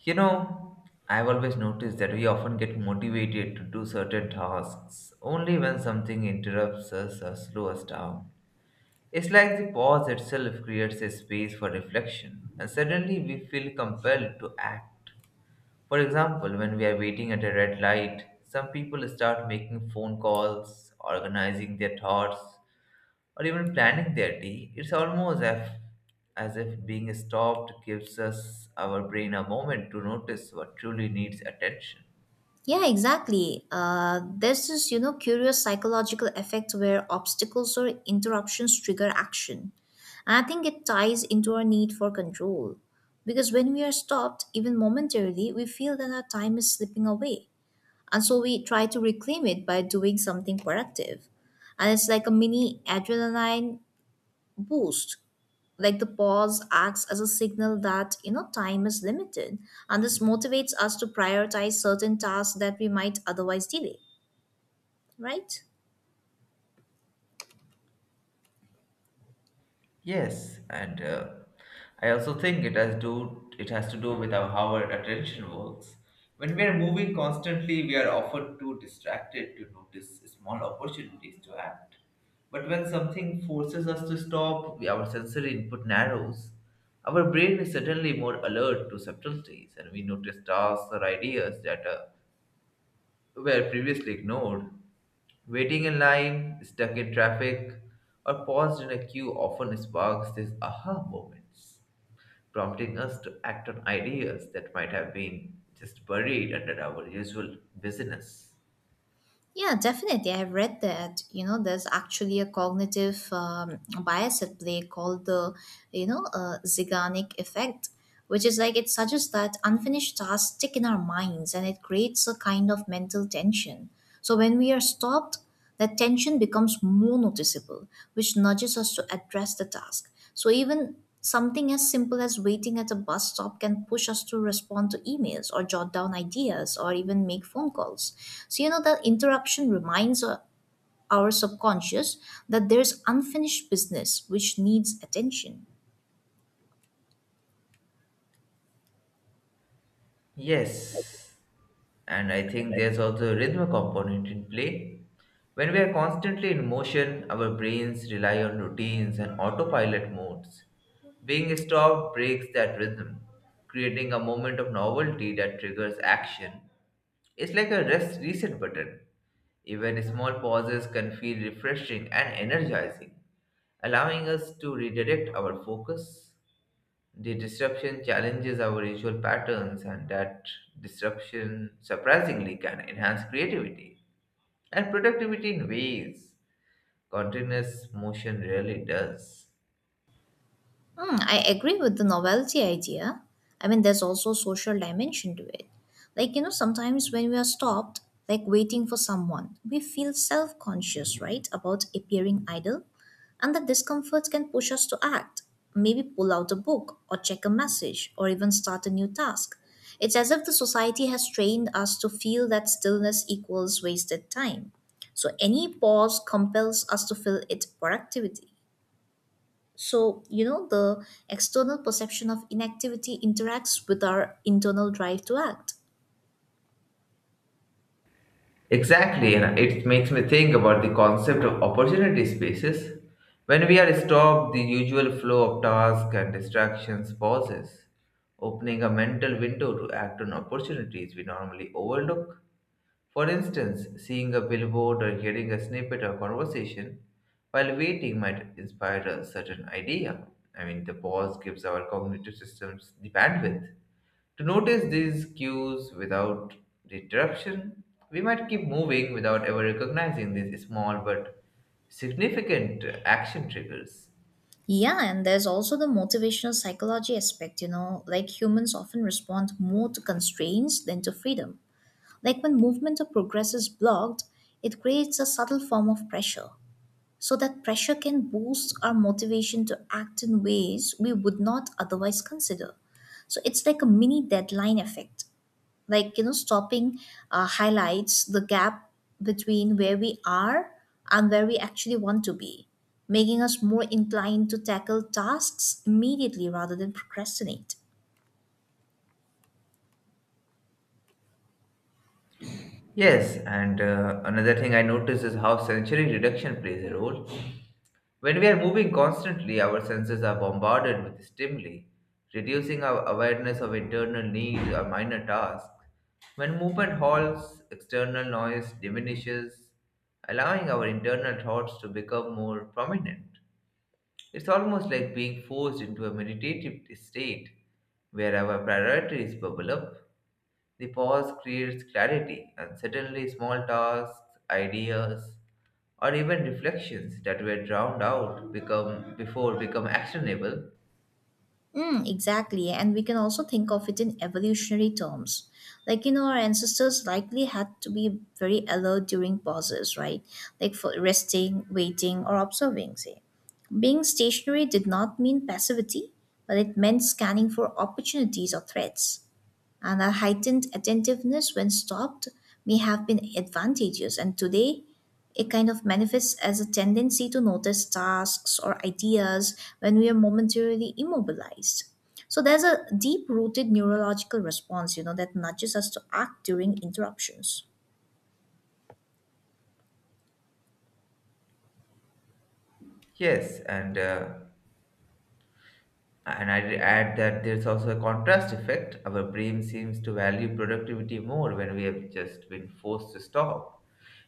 You know, I've always noticed that we often get motivated to do certain tasks only when something interrupts us or slows us down. It's like the pause itself creates a space for reflection, and suddenly we feel compelled to act. For example, when we are waiting at a red light, some people start making phone calls, organizing their thoughts, or even planning their day. It's almost as if being stopped gives us our brain a moment to notice what truly needs attention. Yeah, exactly. There's this, you know, curious psychological effect where obstacles or interruptions trigger action. And I think it ties into our need for control. Because when we are stopped, even momentarily, we feel that our time is slipping away. And so we try to reclaim it by doing something productive. And it's like a mini adrenaline boost, like the pause acts as a signal that, you know, time is limited, and this motivates us to prioritize certain tasks that we might otherwise delay, right? Yes, and I also think it has to do with our, how our attention works. When we are moving constantly, we are often too distracted to notice small opportunities to act. But when something forces us to stop, our sensory input narrows. Our brain is suddenly more alert to subtleties, and we notice tasks or ideas that were previously ignored. Waiting in line, stuck in traffic, or paused in a queue often sparks these aha moments, prompting us to act on ideas that might have been just buried under our usual busyness. Yeah, definitely. I've read that, you know, there's actually a cognitive bias at play called the, you know, zygonic effect, which is like, it suggests that unfinished tasks stick in our minds and it creates a kind of mental tension. So when we are stopped, that tension becomes more noticeable, which nudges us to address the task. So, even something as simple as waiting at a bus stop can push us to respond to emails or jot down ideas or even make phone calls. So, you know, the interruption reminds our subconscious that there's unfinished business which needs attention. Yes, and I think there's also a rhythm component in play. When we are constantly in motion, our brains rely on routines and autopilot modes. Being stopped breaks that rhythm, creating a moment of novelty that triggers action. It's like a rest reset button. Even small pauses can feel refreshing and energizing, allowing us to redirect our focus. The disruption challenges our usual patterns, and that disruption surprisingly can enhance creativity and productivity in ways continuous motion rarely does. Hmm, I agree with the novelty idea. I mean, there's also social dimension to it. Like, you know, sometimes when we are stopped, like waiting for someone, we feel self conscious, right, about appearing idle. And that discomfort can push us to act, maybe pull out a book, or check a message, or even start a new task. It's as if the society has trained us to feel that stillness equals wasted time. So any pause compels us to fill it productivity. So, you know, the external perception of inactivity interacts with our internal drive to act. Exactly, and it makes me think about the concept of opportunity spaces. When we are stopped, the usual flow of tasks and distractions pauses, opening a mental window to act on opportunities we normally overlook. For instance, seeing a billboard or hearing a snippet of conversation while waiting might inspire a certain idea. I mean, the pause gives our cognitive systems the bandwidth to notice these cues. Without disruption, we might keep moving without ever recognizing these small but significant action triggers. Yeah, and there's also the motivational psychology aspect, you know, like humans often respond more to constraints than to freedom. Like when movement or progress is blocked, it creates a subtle form of pressure. So that pressure can boost our motivation to act in ways we would not otherwise consider. So it's like a mini deadline effect, like, you know, stopping highlights the gap between where we are and where we actually want to be, making us more inclined to tackle tasks immediately rather than procrastinate. Yes, and another thing I noticed is how sensory reduction plays a role. When we are moving constantly, our senses are bombarded with stimuli, reducing our awareness of internal needs or minor tasks. When movement halts, external noise diminishes, allowing our internal thoughts to become more prominent. It's almost like being forced into a meditative state where our priorities bubble up. The pause creates clarity, and suddenly small tasks, ideas, or even reflections that were drowned out become before become actionable. Mm, exactly, and we can also think of it in evolutionary terms, like, you know, our ancestors likely had to be very alert during pauses, right? Like for resting, waiting, or observing. Say being stationary did not mean passivity, but it meant scanning for opportunities or threats. And our heightened attentiveness when stopped may have been advantageous, and today it kind of manifests as a tendency to notice tasks or ideas when we are momentarily immobilized. So there's a deep rooted neurological response, you know, that nudges us to act during interruptions. Yes, and I'd add that there's also a contrast effect. Our brain seems to value productivity more when we have just been forced to stop.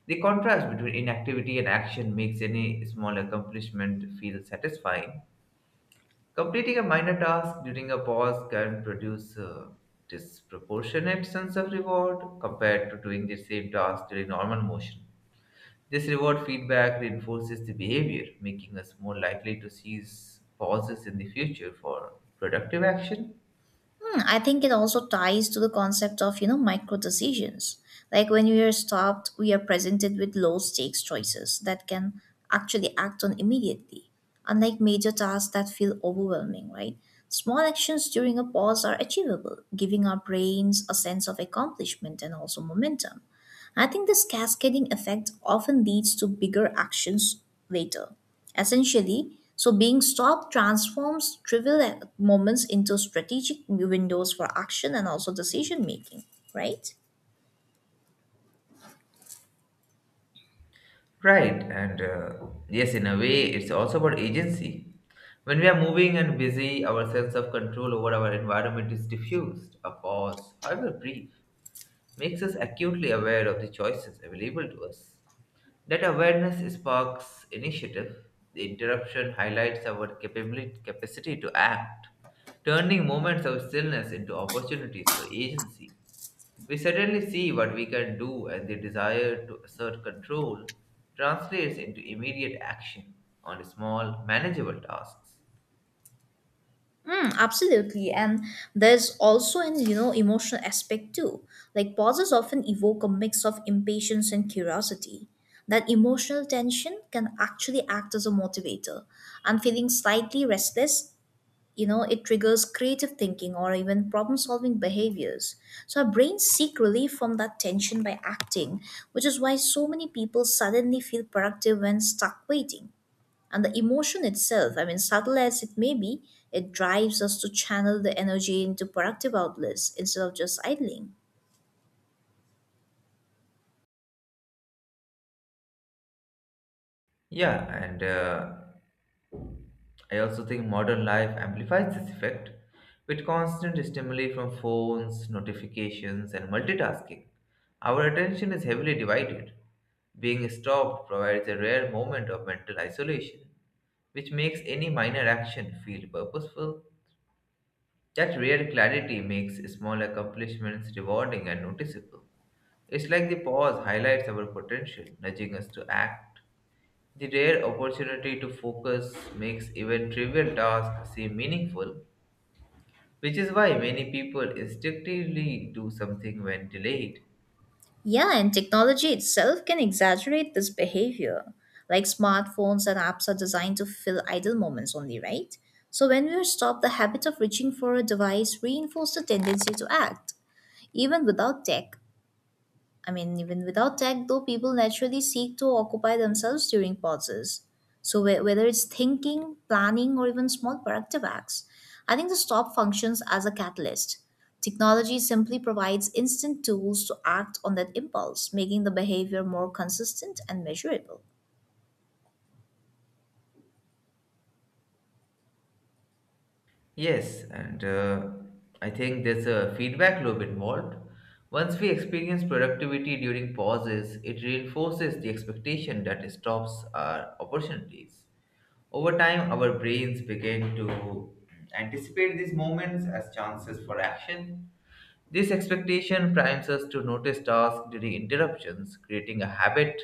The contrast between inactivity and action makes any small accomplishment feel satisfying. Completing a minor task during a pause can produce a disproportionate sense of reward compared to doing the same task during normal motion. This reward feedback reinforces the behavior, making us more likely to seize pauses in the future for productive action. Hmm, I think it also ties to the concept of, you know, micro decisions. Like when we are stopped, we are presented with low stakes choices that can actually act on immediately, unlike major tasks that feel overwhelming, right? Small actions during a pause are achievable, giving our brains a sense of accomplishment and also momentum. I think this cascading effect often leads to bigger actions later. Essentially, so being stopped transforms trivial moments into strategic windows for action and also decision making, right? Right, and yes, in a way, it's also about agency. When we are moving and busy, our sense of control over our environment is diffused. A pause, however brief, makes us acutely aware of the choices available to us. That awareness sparks initiative. The interruption highlights our capacity to act, turning moments of stillness into opportunities for agency. We suddenly see what we can do, and the desire to assert control translates into immediate action on small, manageable tasks. Mm, absolutely. And there's also an, you know, emotional aspect too. Like pauses often evoke a mix of impatience and curiosity. That emotional tension can actually act as a motivator. I'm feeling slightly restless, you know, it triggers creative thinking or even problem solving behaviors. So our brains seek relief from that tension by acting, which is why so many people suddenly feel productive when stuck waiting. And the emotion itself, I mean, subtle as it may be, it drives us to channel the energy into productive outlets instead of just idling. Yeah, and I also think modern life amplifies this effect with constant stimuli from phones, notifications, and multitasking. Our attention is heavily divided. Being stopped provides a rare moment of mental isolation, which makes any minor action feel purposeful. That rare clarity makes small accomplishments rewarding and noticeable. It's like the pause highlights our potential, nudging us to act. The rare opportunity to focus makes even trivial tasks seem meaningful. Which is why many people instinctively do something when delayed. Yeah, and technology itself can exaggerate this behavior. Like smartphones and apps are designed to fill idle moments only, right? So when we are stopped, the habit of reaching for a device reinforces the tendency to act, even without tech. I mean, even without tech, though, people naturally seek to occupy themselves during pauses. So, whether it's thinking, planning, or even small productive acts, I think the stop functions as a catalyst. Technology simply provides instant tools to act on that impulse, making the behavior more consistent and measurable. Yes, and I think there's a feedback loop involved. Once we experience productivity during pauses, it reinforces the expectation that stops are opportunities. Over time, our brains begin to anticipate these moments as chances for action. This expectation primes us to notice tasks during interruptions, creating a habit.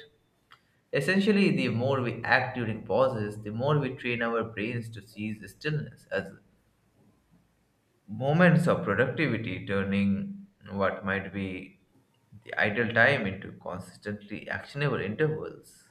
Essentially, the more we act during pauses, the more we train our brains to seize stillness as moments of productivity, turning what might be the idle time into consistently actionable intervals.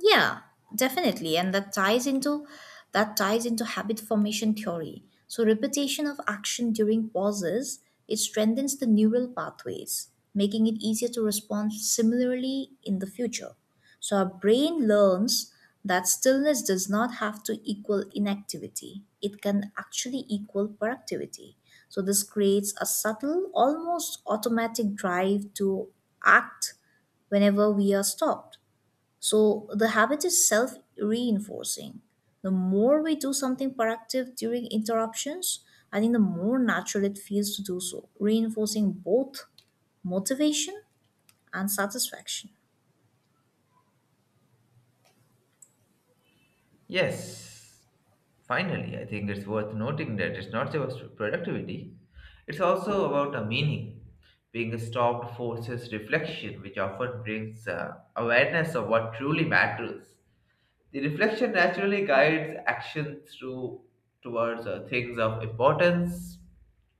Yeah, definitely. And that ties into habit formation theory. So repetition of action during pauses, it strengthens the neural pathways, making it easier to respond similarly in the future. So our brain learns that stillness does not have to equal inactivity. It can actually equal productivity. So this creates a subtle, almost automatic drive to act whenever we are stopped. So the habit is self reinforcing. The more we do something productive during interruptions, I think the more natural it feels to do so, reinforcing both motivation and satisfaction. Yes, finally, I think it's worth noting that it's not just about productivity, it's also about a meaning. Being stopped forces reflection, which often brings awareness of what truly matters. The reflection naturally guides action through towards things of importance,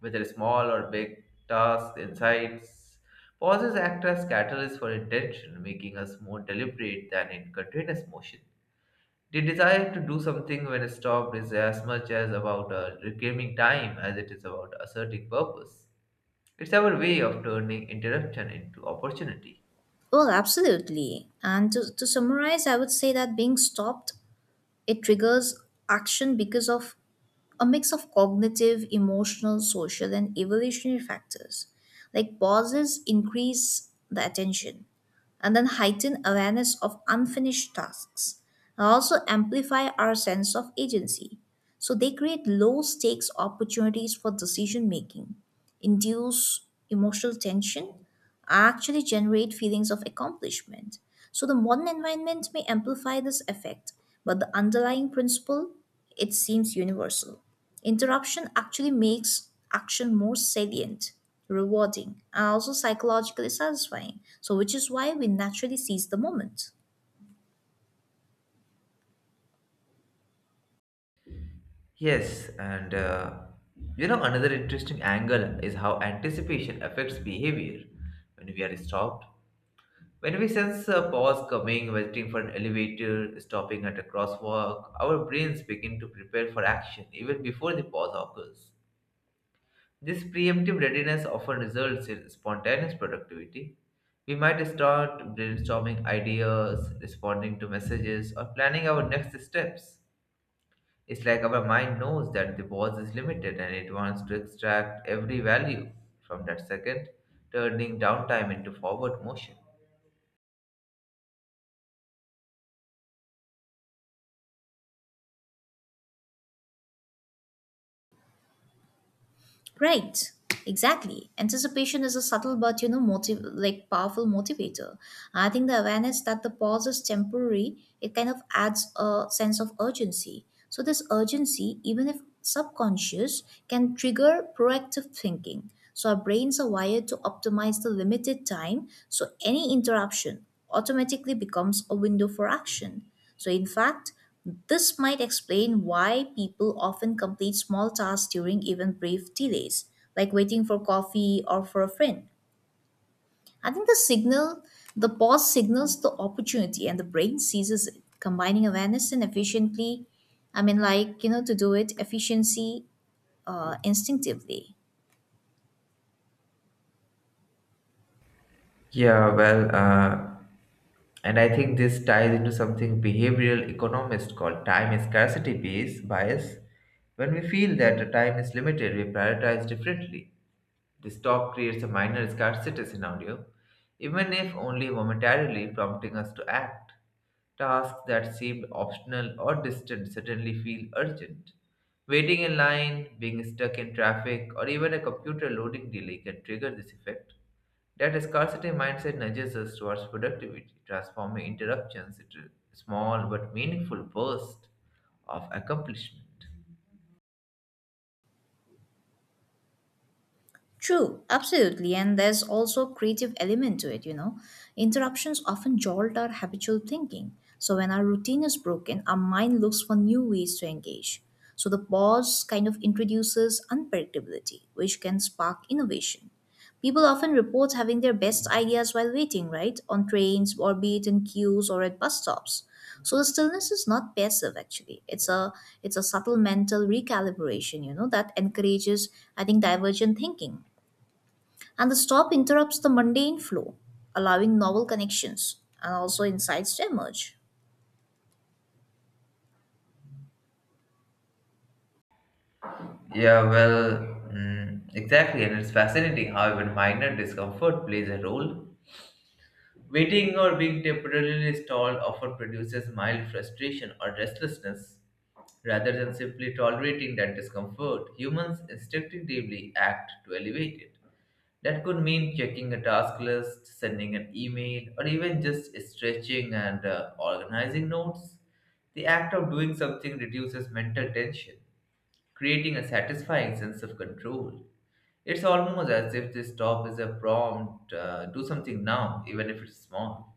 whether small or big, tasks, insights. Pauses act as catalysts for intention, making us more deliberate than in continuous motion. The desire to do something when stopped is as much as about reclaiming time as it is about asserting purpose. It's our way of turning interruption into opportunity. Well, absolutely. And to summarize, I would say that being stopped, it triggers action because of a mix of cognitive, emotional, social, and evolutionary factors. Like pauses increase the attention and then heighten awareness of unfinished tasks and also amplify our sense of agency. So they create low stakes opportunities for decision making, induce emotional tension, actually generate feelings of accomplishment. So the modern environment may amplify this effect, but the underlying principle, it seems universal. Interruption actually makes action more salient, rewarding, and also psychologically satisfying. So which is why we naturally seize the moment. Yes, and another interesting angle is how anticipation affects behavior when we are stopped. When we sense a pause coming, waiting for an elevator, stopping at a crosswalk, our brains begin to prepare for action even before the pause occurs. This preemptive readiness often results in spontaneous productivity. We might start brainstorming ideas, responding to messages, or planning our next steps. It's like our mind knows that the pause is limited and it wants to extract every value from that second, turning downtime into forward motion. Right, exactly. Anticipation is a subtle but, you know, motive, like, powerful motivator. I think the awareness that the pause is temporary, it kind of adds a sense of urgency. So this urgency, even if subconscious, can trigger proactive thinking. So our brains are wired to optimize the limited time, so any interruption automatically becomes a window for action. So, in fact, this might explain why people often complete small tasks during even brief delays, like waiting for coffee or for a friend. I think the signal, the pause signals the opportunity and the brain seizes it, combining awareness and efficiently. I mean, like, you know, to do it efficiency instinctively. Yeah, and I think this ties into something behavioral economists call time scarcity bias. When we feel that the time is limited, we prioritize differently. This talk creates a minor scarcity scenario, even if only momentarily prompting us to act. Tasks that seemed optional or distant suddenly feel urgent. Waiting in line, being stuck in traffic, or even a computer loading delay can trigger this effect. That scarcity mindset nudges us towards productivity, transforming interruptions into small but meaningful bursts of accomplishment. True, absolutely. And there's also creative element to it, you know. Interruptions often jolt our habitual thinking. So when our routine is broken, our mind looks for new ways to engage. So the pause kind of introduces unpredictability, which can spark innovation. People often report having their best ideas while waiting, right? On trains or be it in queues or at bus stops. So the stillness is not passive actually. It's a subtle mental recalibration, you know, that encourages, I think, divergent thinking. And the stop interrupts the mundane flow, allowing novel connections and also insights to emerge. Yeah, well, exactly, and it's fascinating how even minor discomfort plays a role. Waiting or being temporarily stalled often produces mild frustration or restlessness. Rather than simply tolerating that discomfort, humans instinctively act to elevate it. That could mean checking a task list, sending an email, or even just stretching and organizing notes. The act of doing something reduces mental tension, creating a satisfying sense of control. It's almost as if this stop is a prompt, do something now, even if it's small.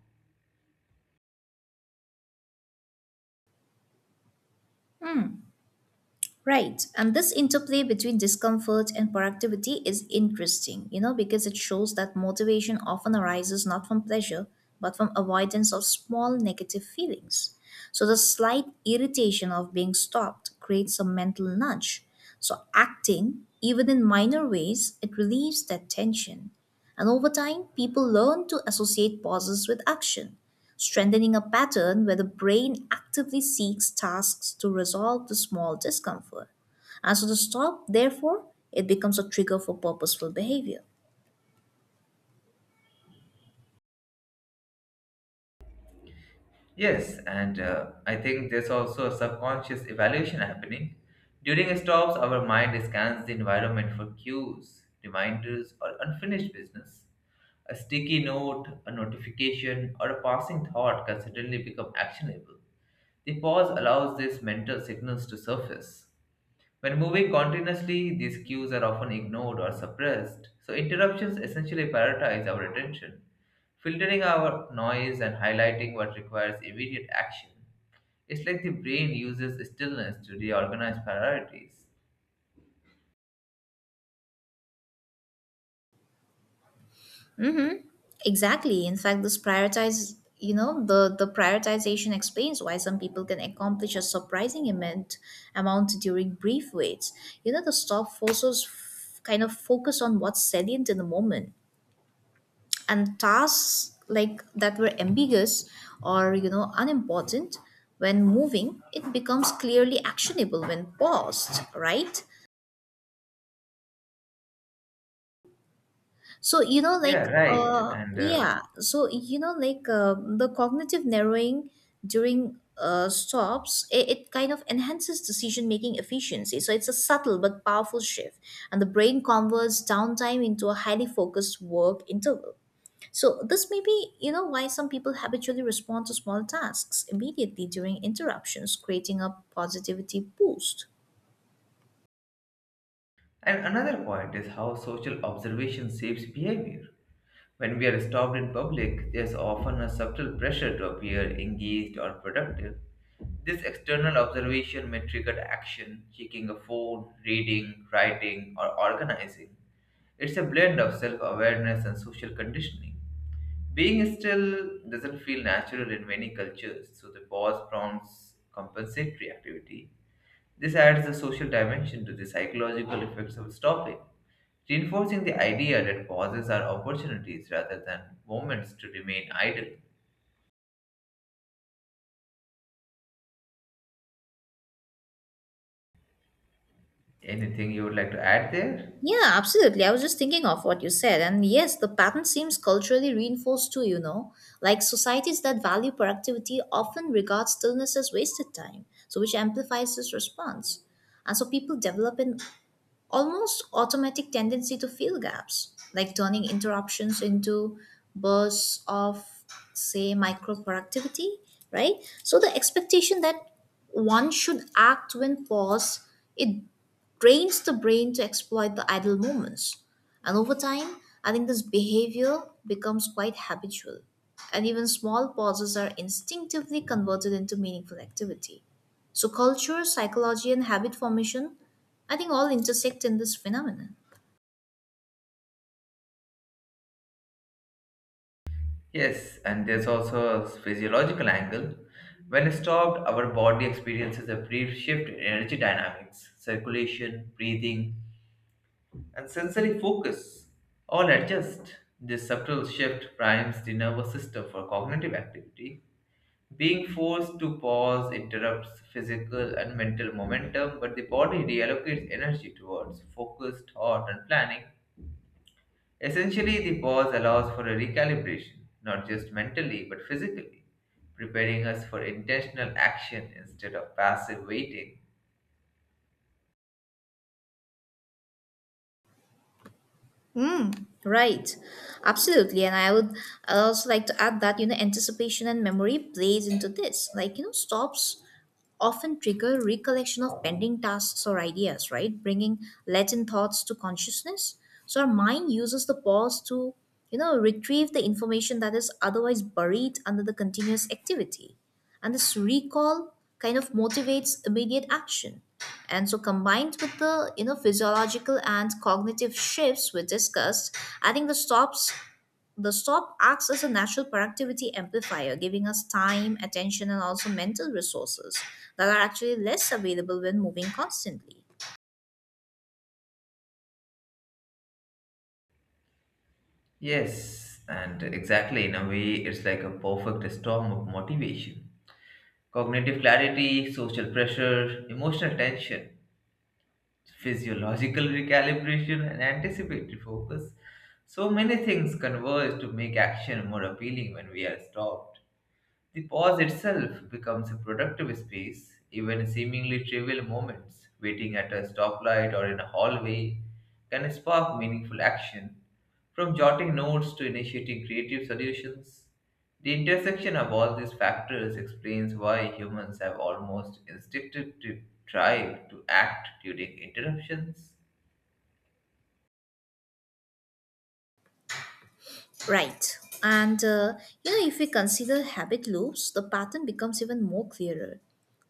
Right, and this interplay between discomfort and productivity is interesting, you know, because it shows that motivation often arises not from pleasure, but from avoidance of small negative feelings. So the slight irritation of being stopped creates a mental nudge. So acting, even in minor ways, it relieves that tension. And over time, people learn to associate pauses with action, strengthening a pattern where the brain actively seeks tasks to resolve the small discomfort. And so the stop, therefore, it becomes a trigger for purposeful behavior. Yes, and I think there's also a subconscious evaluation happening. During stops, our mind scans the environment for cues, reminders, or unfinished business. A sticky note, a notification, or a passing thought can suddenly become actionable. The pause allows these mental signals to surface. When moving continuously, these cues are often ignored or suppressed, so interruptions essentially prioritize our attention, filtering our noise and highlighting what requires immediate action. It's like the brain uses stillness to reorganize priorities. Exactly. In fact, this prioritize, you know, the prioritization explains why some people can accomplish a surprising amount, amount during brief waits. You know, the stop forces kind of focus on what's salient in the moment, and tasks like that were ambiguous or, you know, unimportant when moving, it becomes clearly actionable when paused, right? So, you know, like, Yeah, right. And yeah, so, you know, like, the cognitive narrowing during stops, it kind of enhances decision making efficiency, so it's a subtle but powerful shift. And the brain converts downtime into a highly focused work interval. So, this may be, you know, why some people habitually respond to small tasks immediately during interruptions, creating a positivity boost. Another point is how social observation shapes behavior. When we are stopped in public, there's often a subtle pressure to appear engaged or productive. This external observation may trigger action, checking a phone, reading, writing, or organizing. It's a blend of self awareness and social conditioning. Being still doesn't feel natural in many cultures, so the pause prompts compensatory activity. This adds a social dimension to the psychological effects of stopping, reinforcing the idea that pauses are opportunities rather than moments to remain idle. Anything you would like to add there? Yeah, absolutely. I was just thinking of what you said. And yes, the pattern seems culturally reinforced too, you know. Like societies that value productivity often regard stillness as wasted time, so which amplifies this response. And so people develop an almost automatic tendency to fill gaps, like turning interruptions into bursts of, say, micro productivity, right? So the expectation that one should act when paused, it trains the brain to exploit the idle moments. And over time, I think this behavior becomes quite habitual. And even small pauses are instinctively converted into meaningful activity. So, culture, psychology, and habit formation, I think all intersect in this phenomenon. Yes, and there's also a physiological angle. When stopped, our body experiences a brief shift in energy dynamics, circulation, breathing, and sensory focus. All adjust. This subtle shift primes the nervous system for cognitive activity. Being forced to pause interrupts physical and mental momentum, but the body reallocates energy towards focus, thought, and planning. Essentially, the pause allows for a recalibration, not just mentally but physically, preparing us for intentional action instead of passive waiting. Mm. Right, absolutely, and I also like to add that, you know, anticipation and memory plays into this. Like, you know, stops often trigger recollection of pending tasks or ideas, right? Bringing latent thoughts to consciousness. So our mind uses the pause to, retrieve the information that is otherwise buried under the continuous activity. And this recall kind of motivates immediate action. And so combined with the, physiological and cognitive shifts we discussed, I think the stop acts as a natural productivity amplifier, giving us time, attention, and also mental resources that are actually less available when moving constantly. Yes, and exactly in a way, it's like a perfect storm of motivation. Cognitive clarity, social pressure, emotional tension, physiological recalibration and anticipatory focus. So many things converge to make action more appealing when we are stopped. The pause itself becomes a productive space, even seemingly trivial moments, waiting at a stoplight or in a hallway, can spark meaningful action. From jotting notes to initiating creative solutions, the intersection of all these factors explains why humans have almost instinctively tried to act during interruptions. Right. And you know, if we consider habit loops, the pattern becomes even more clearer.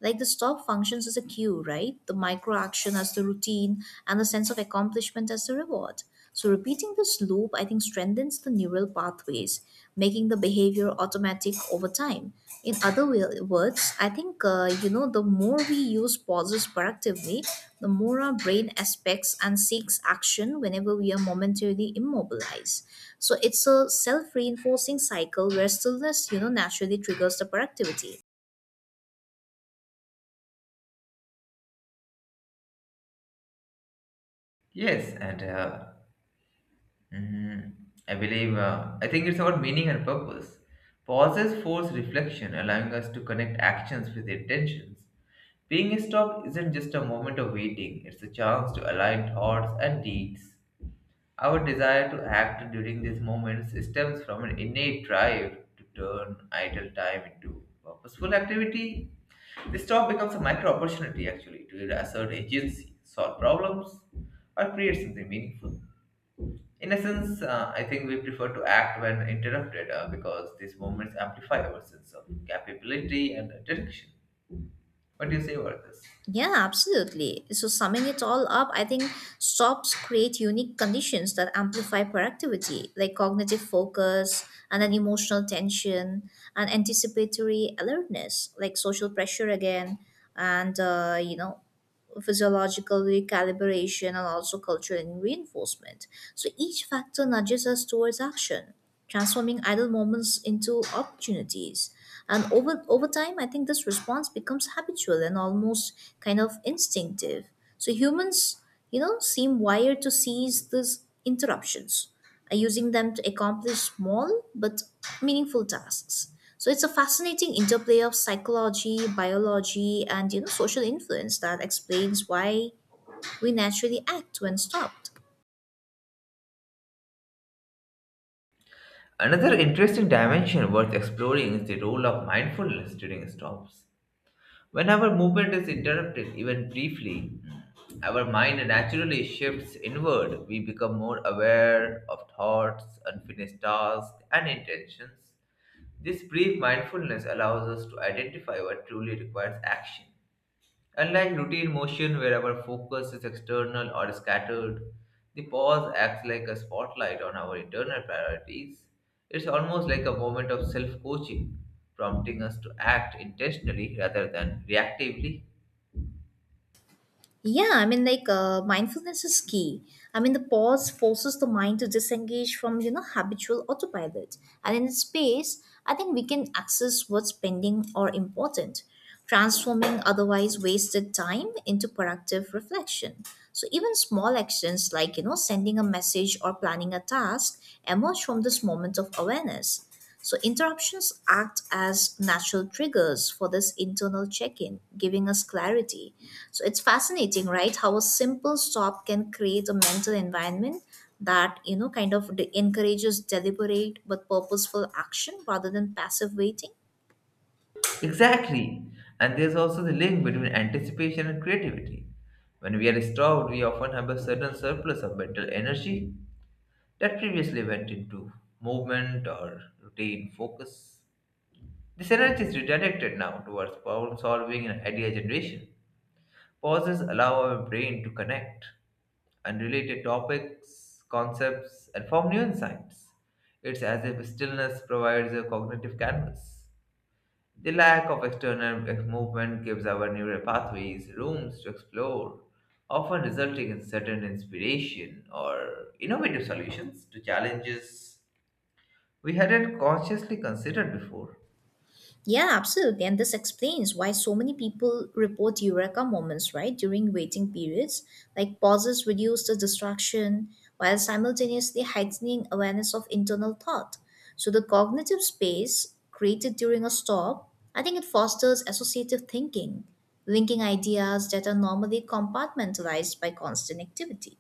Like the stop functions as a cue, right? The micro action as the routine and the sense of accomplishment as the reward. So repeating this loop, I think, strengthens the neural pathways, making the behavior automatic over time. In other words, I think, you know, the more we use pauses productively, the more our brain aspects and seeks action whenever we are momentarily immobilized. So it's a self-reinforcing cycle where stillness, naturally triggers the productivity. Yes, and Mhm. I think it's about meaning and purpose. Pauses force reflection, allowing us to connect actions with intentions. Being stopped isn't just a moment of waiting, it's a chance to align thoughts and deeds. Our desire to act during these moments stems from an innate drive to turn idle time into purposeful activity. This stop becomes a micro opportunity actually to assert agency, solve problems, or create something meaningful. In essence, I think we prefer to act when interrupted because these moments amplify our sense of capability and direction. What do you say about this? Yeah, absolutely. So, summing it all up, I think SOPs create unique conditions that amplify productivity, like cognitive focus and then emotional tension and anticipatory alertness, like social pressure again, and physiological recalibration, and also cultural reinforcement. So each factor nudges us towards action, transforming idle moments into opportunities. And over time, I think this response becomes habitual and almost kind of instinctive. So humans, seem wired to seize these interruptions using them to accomplish small but meaningful tasks. So it's a fascinating interplay of psychology, biology, and social influence that explains why we naturally act when stopped. Another interesting dimension worth exploring is the role of mindfulness during stops. When our movement is interrupted, even briefly, our mind naturally shifts inward. We become more aware of thoughts, unfinished tasks, and intentions. This brief mindfulness allows us to identify what truly requires action. Unlike routine motion where our focus is external or scattered, the pause acts like a spotlight on our internal priorities. It's almost like a moment of self coaching, prompting us to act intentionally rather than reactively. Yeah, I mean, like mindfulness is key. I mean, the pause forces the mind to disengage from habitual autopilot, and in space, I think we can access what's pending or important, transforming otherwise wasted time into productive reflection. So even small actions like sending a message or planning a task emerge from this moment of awareness. So, interruptions act as natural triggers for this internal check in, giving us clarity. So, it's fascinating, right? How a simple stop can create a mental environment that, encourages deliberate but purposeful action rather than passive waiting. Exactly! And there's also the link between anticipation and creativity. When we are starved, we often have a sudden surplus of mental energy that previously went into movement or routine focus. The energy is redirected now towards problem solving and idea generation. Pauses allow our brain to connect unrelated topics, concepts, and form new insights. It's as if stillness provides a cognitive canvas. The lack of external movement gives our neural pathways rooms to explore, often resulting in certain inspiration or innovative solutions to challenges we hadn't consciously considered before. Yeah, absolutely. And this explains why so many people report eureka moments, right, during waiting periods. Like pauses reduce the distraction while simultaneously heightening awareness of internal thought. So the cognitive space created during a stop, I think it fosters associative thinking, linking ideas that are normally compartmentalized by constant activity.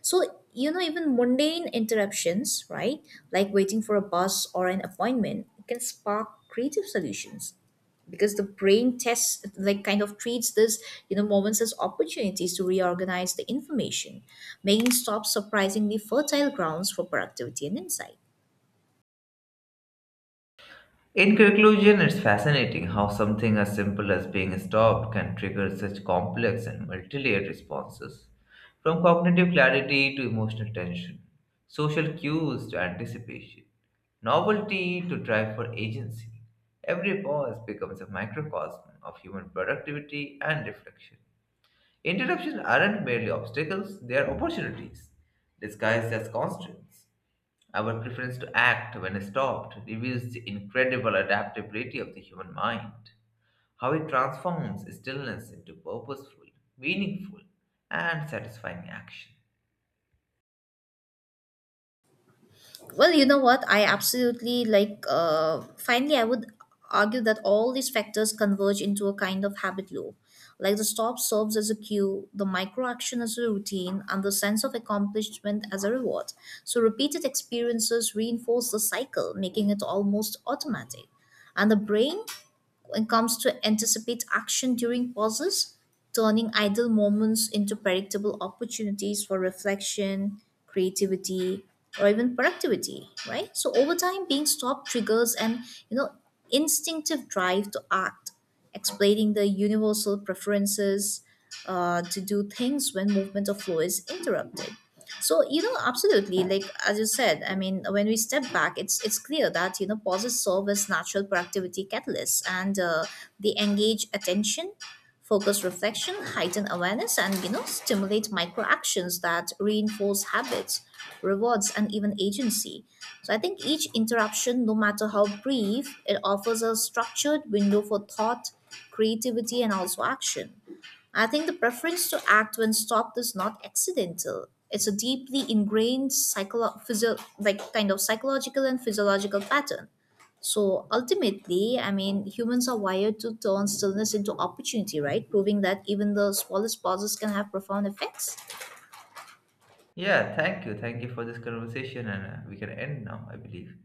So, even mundane interruptions, right, like waiting for a bus or an appointment, can spark creative solutions because the brain tests, kind of treats this, you know, moments as opportunities to reorganize the information, making stops surprisingly fertile grounds for productivity and insight. In conclusion, it's fascinating how something as simple as being stopped can trigger such complex and multi layered responses, from cognitive clarity to emotional tension, social cues to anticipation, novelty to drive for agency. Every pause becomes a microcosm of human productivity and reflection. Interruptions aren't merely obstacles, they are opportunities, disguised as constraints. Our preference to act when stopped reveals the incredible adaptability of the human mind, how it transforms stillness into purposeful, meaningful, and satisfying action. Well, you know what? I absolutely finally, I would argue that all these factors converge into a kind of habit loop. Like the stop serves as a cue, the micro action as a routine, and the sense of accomplishment as a reward. So, repeated experiences reinforce the cycle, making it almost automatic. And the brain when it comes to anticipate action during pauses, turning idle moments into predictable opportunities for reflection, creativity, or even productivity, right? So over time, being stopped triggers an you know instinctive drive to act, explaining the universal preferences to do things when movement of flow is interrupted. So absolutely. Like as you said, I mean, when we step back, it's clear that pauses serve as natural productivity catalysts and they engage attention, focus, reflection, heighten awareness, and stimulate micro actions that reinforce habits, rewards, and even agency. So I think each interruption, no matter how brief, it offers a structured window for thought, creativity, and also action. I think the preference to act when stopped is not accidental. It's a deeply ingrained kind of psychological and physiological pattern. So ultimately, I mean, humans are wired to turn stillness into opportunity, right? Proving that even the smallest pauses can have profound effects. Yeah, thank you. Thank you for this conversation, and we can end now, I believe.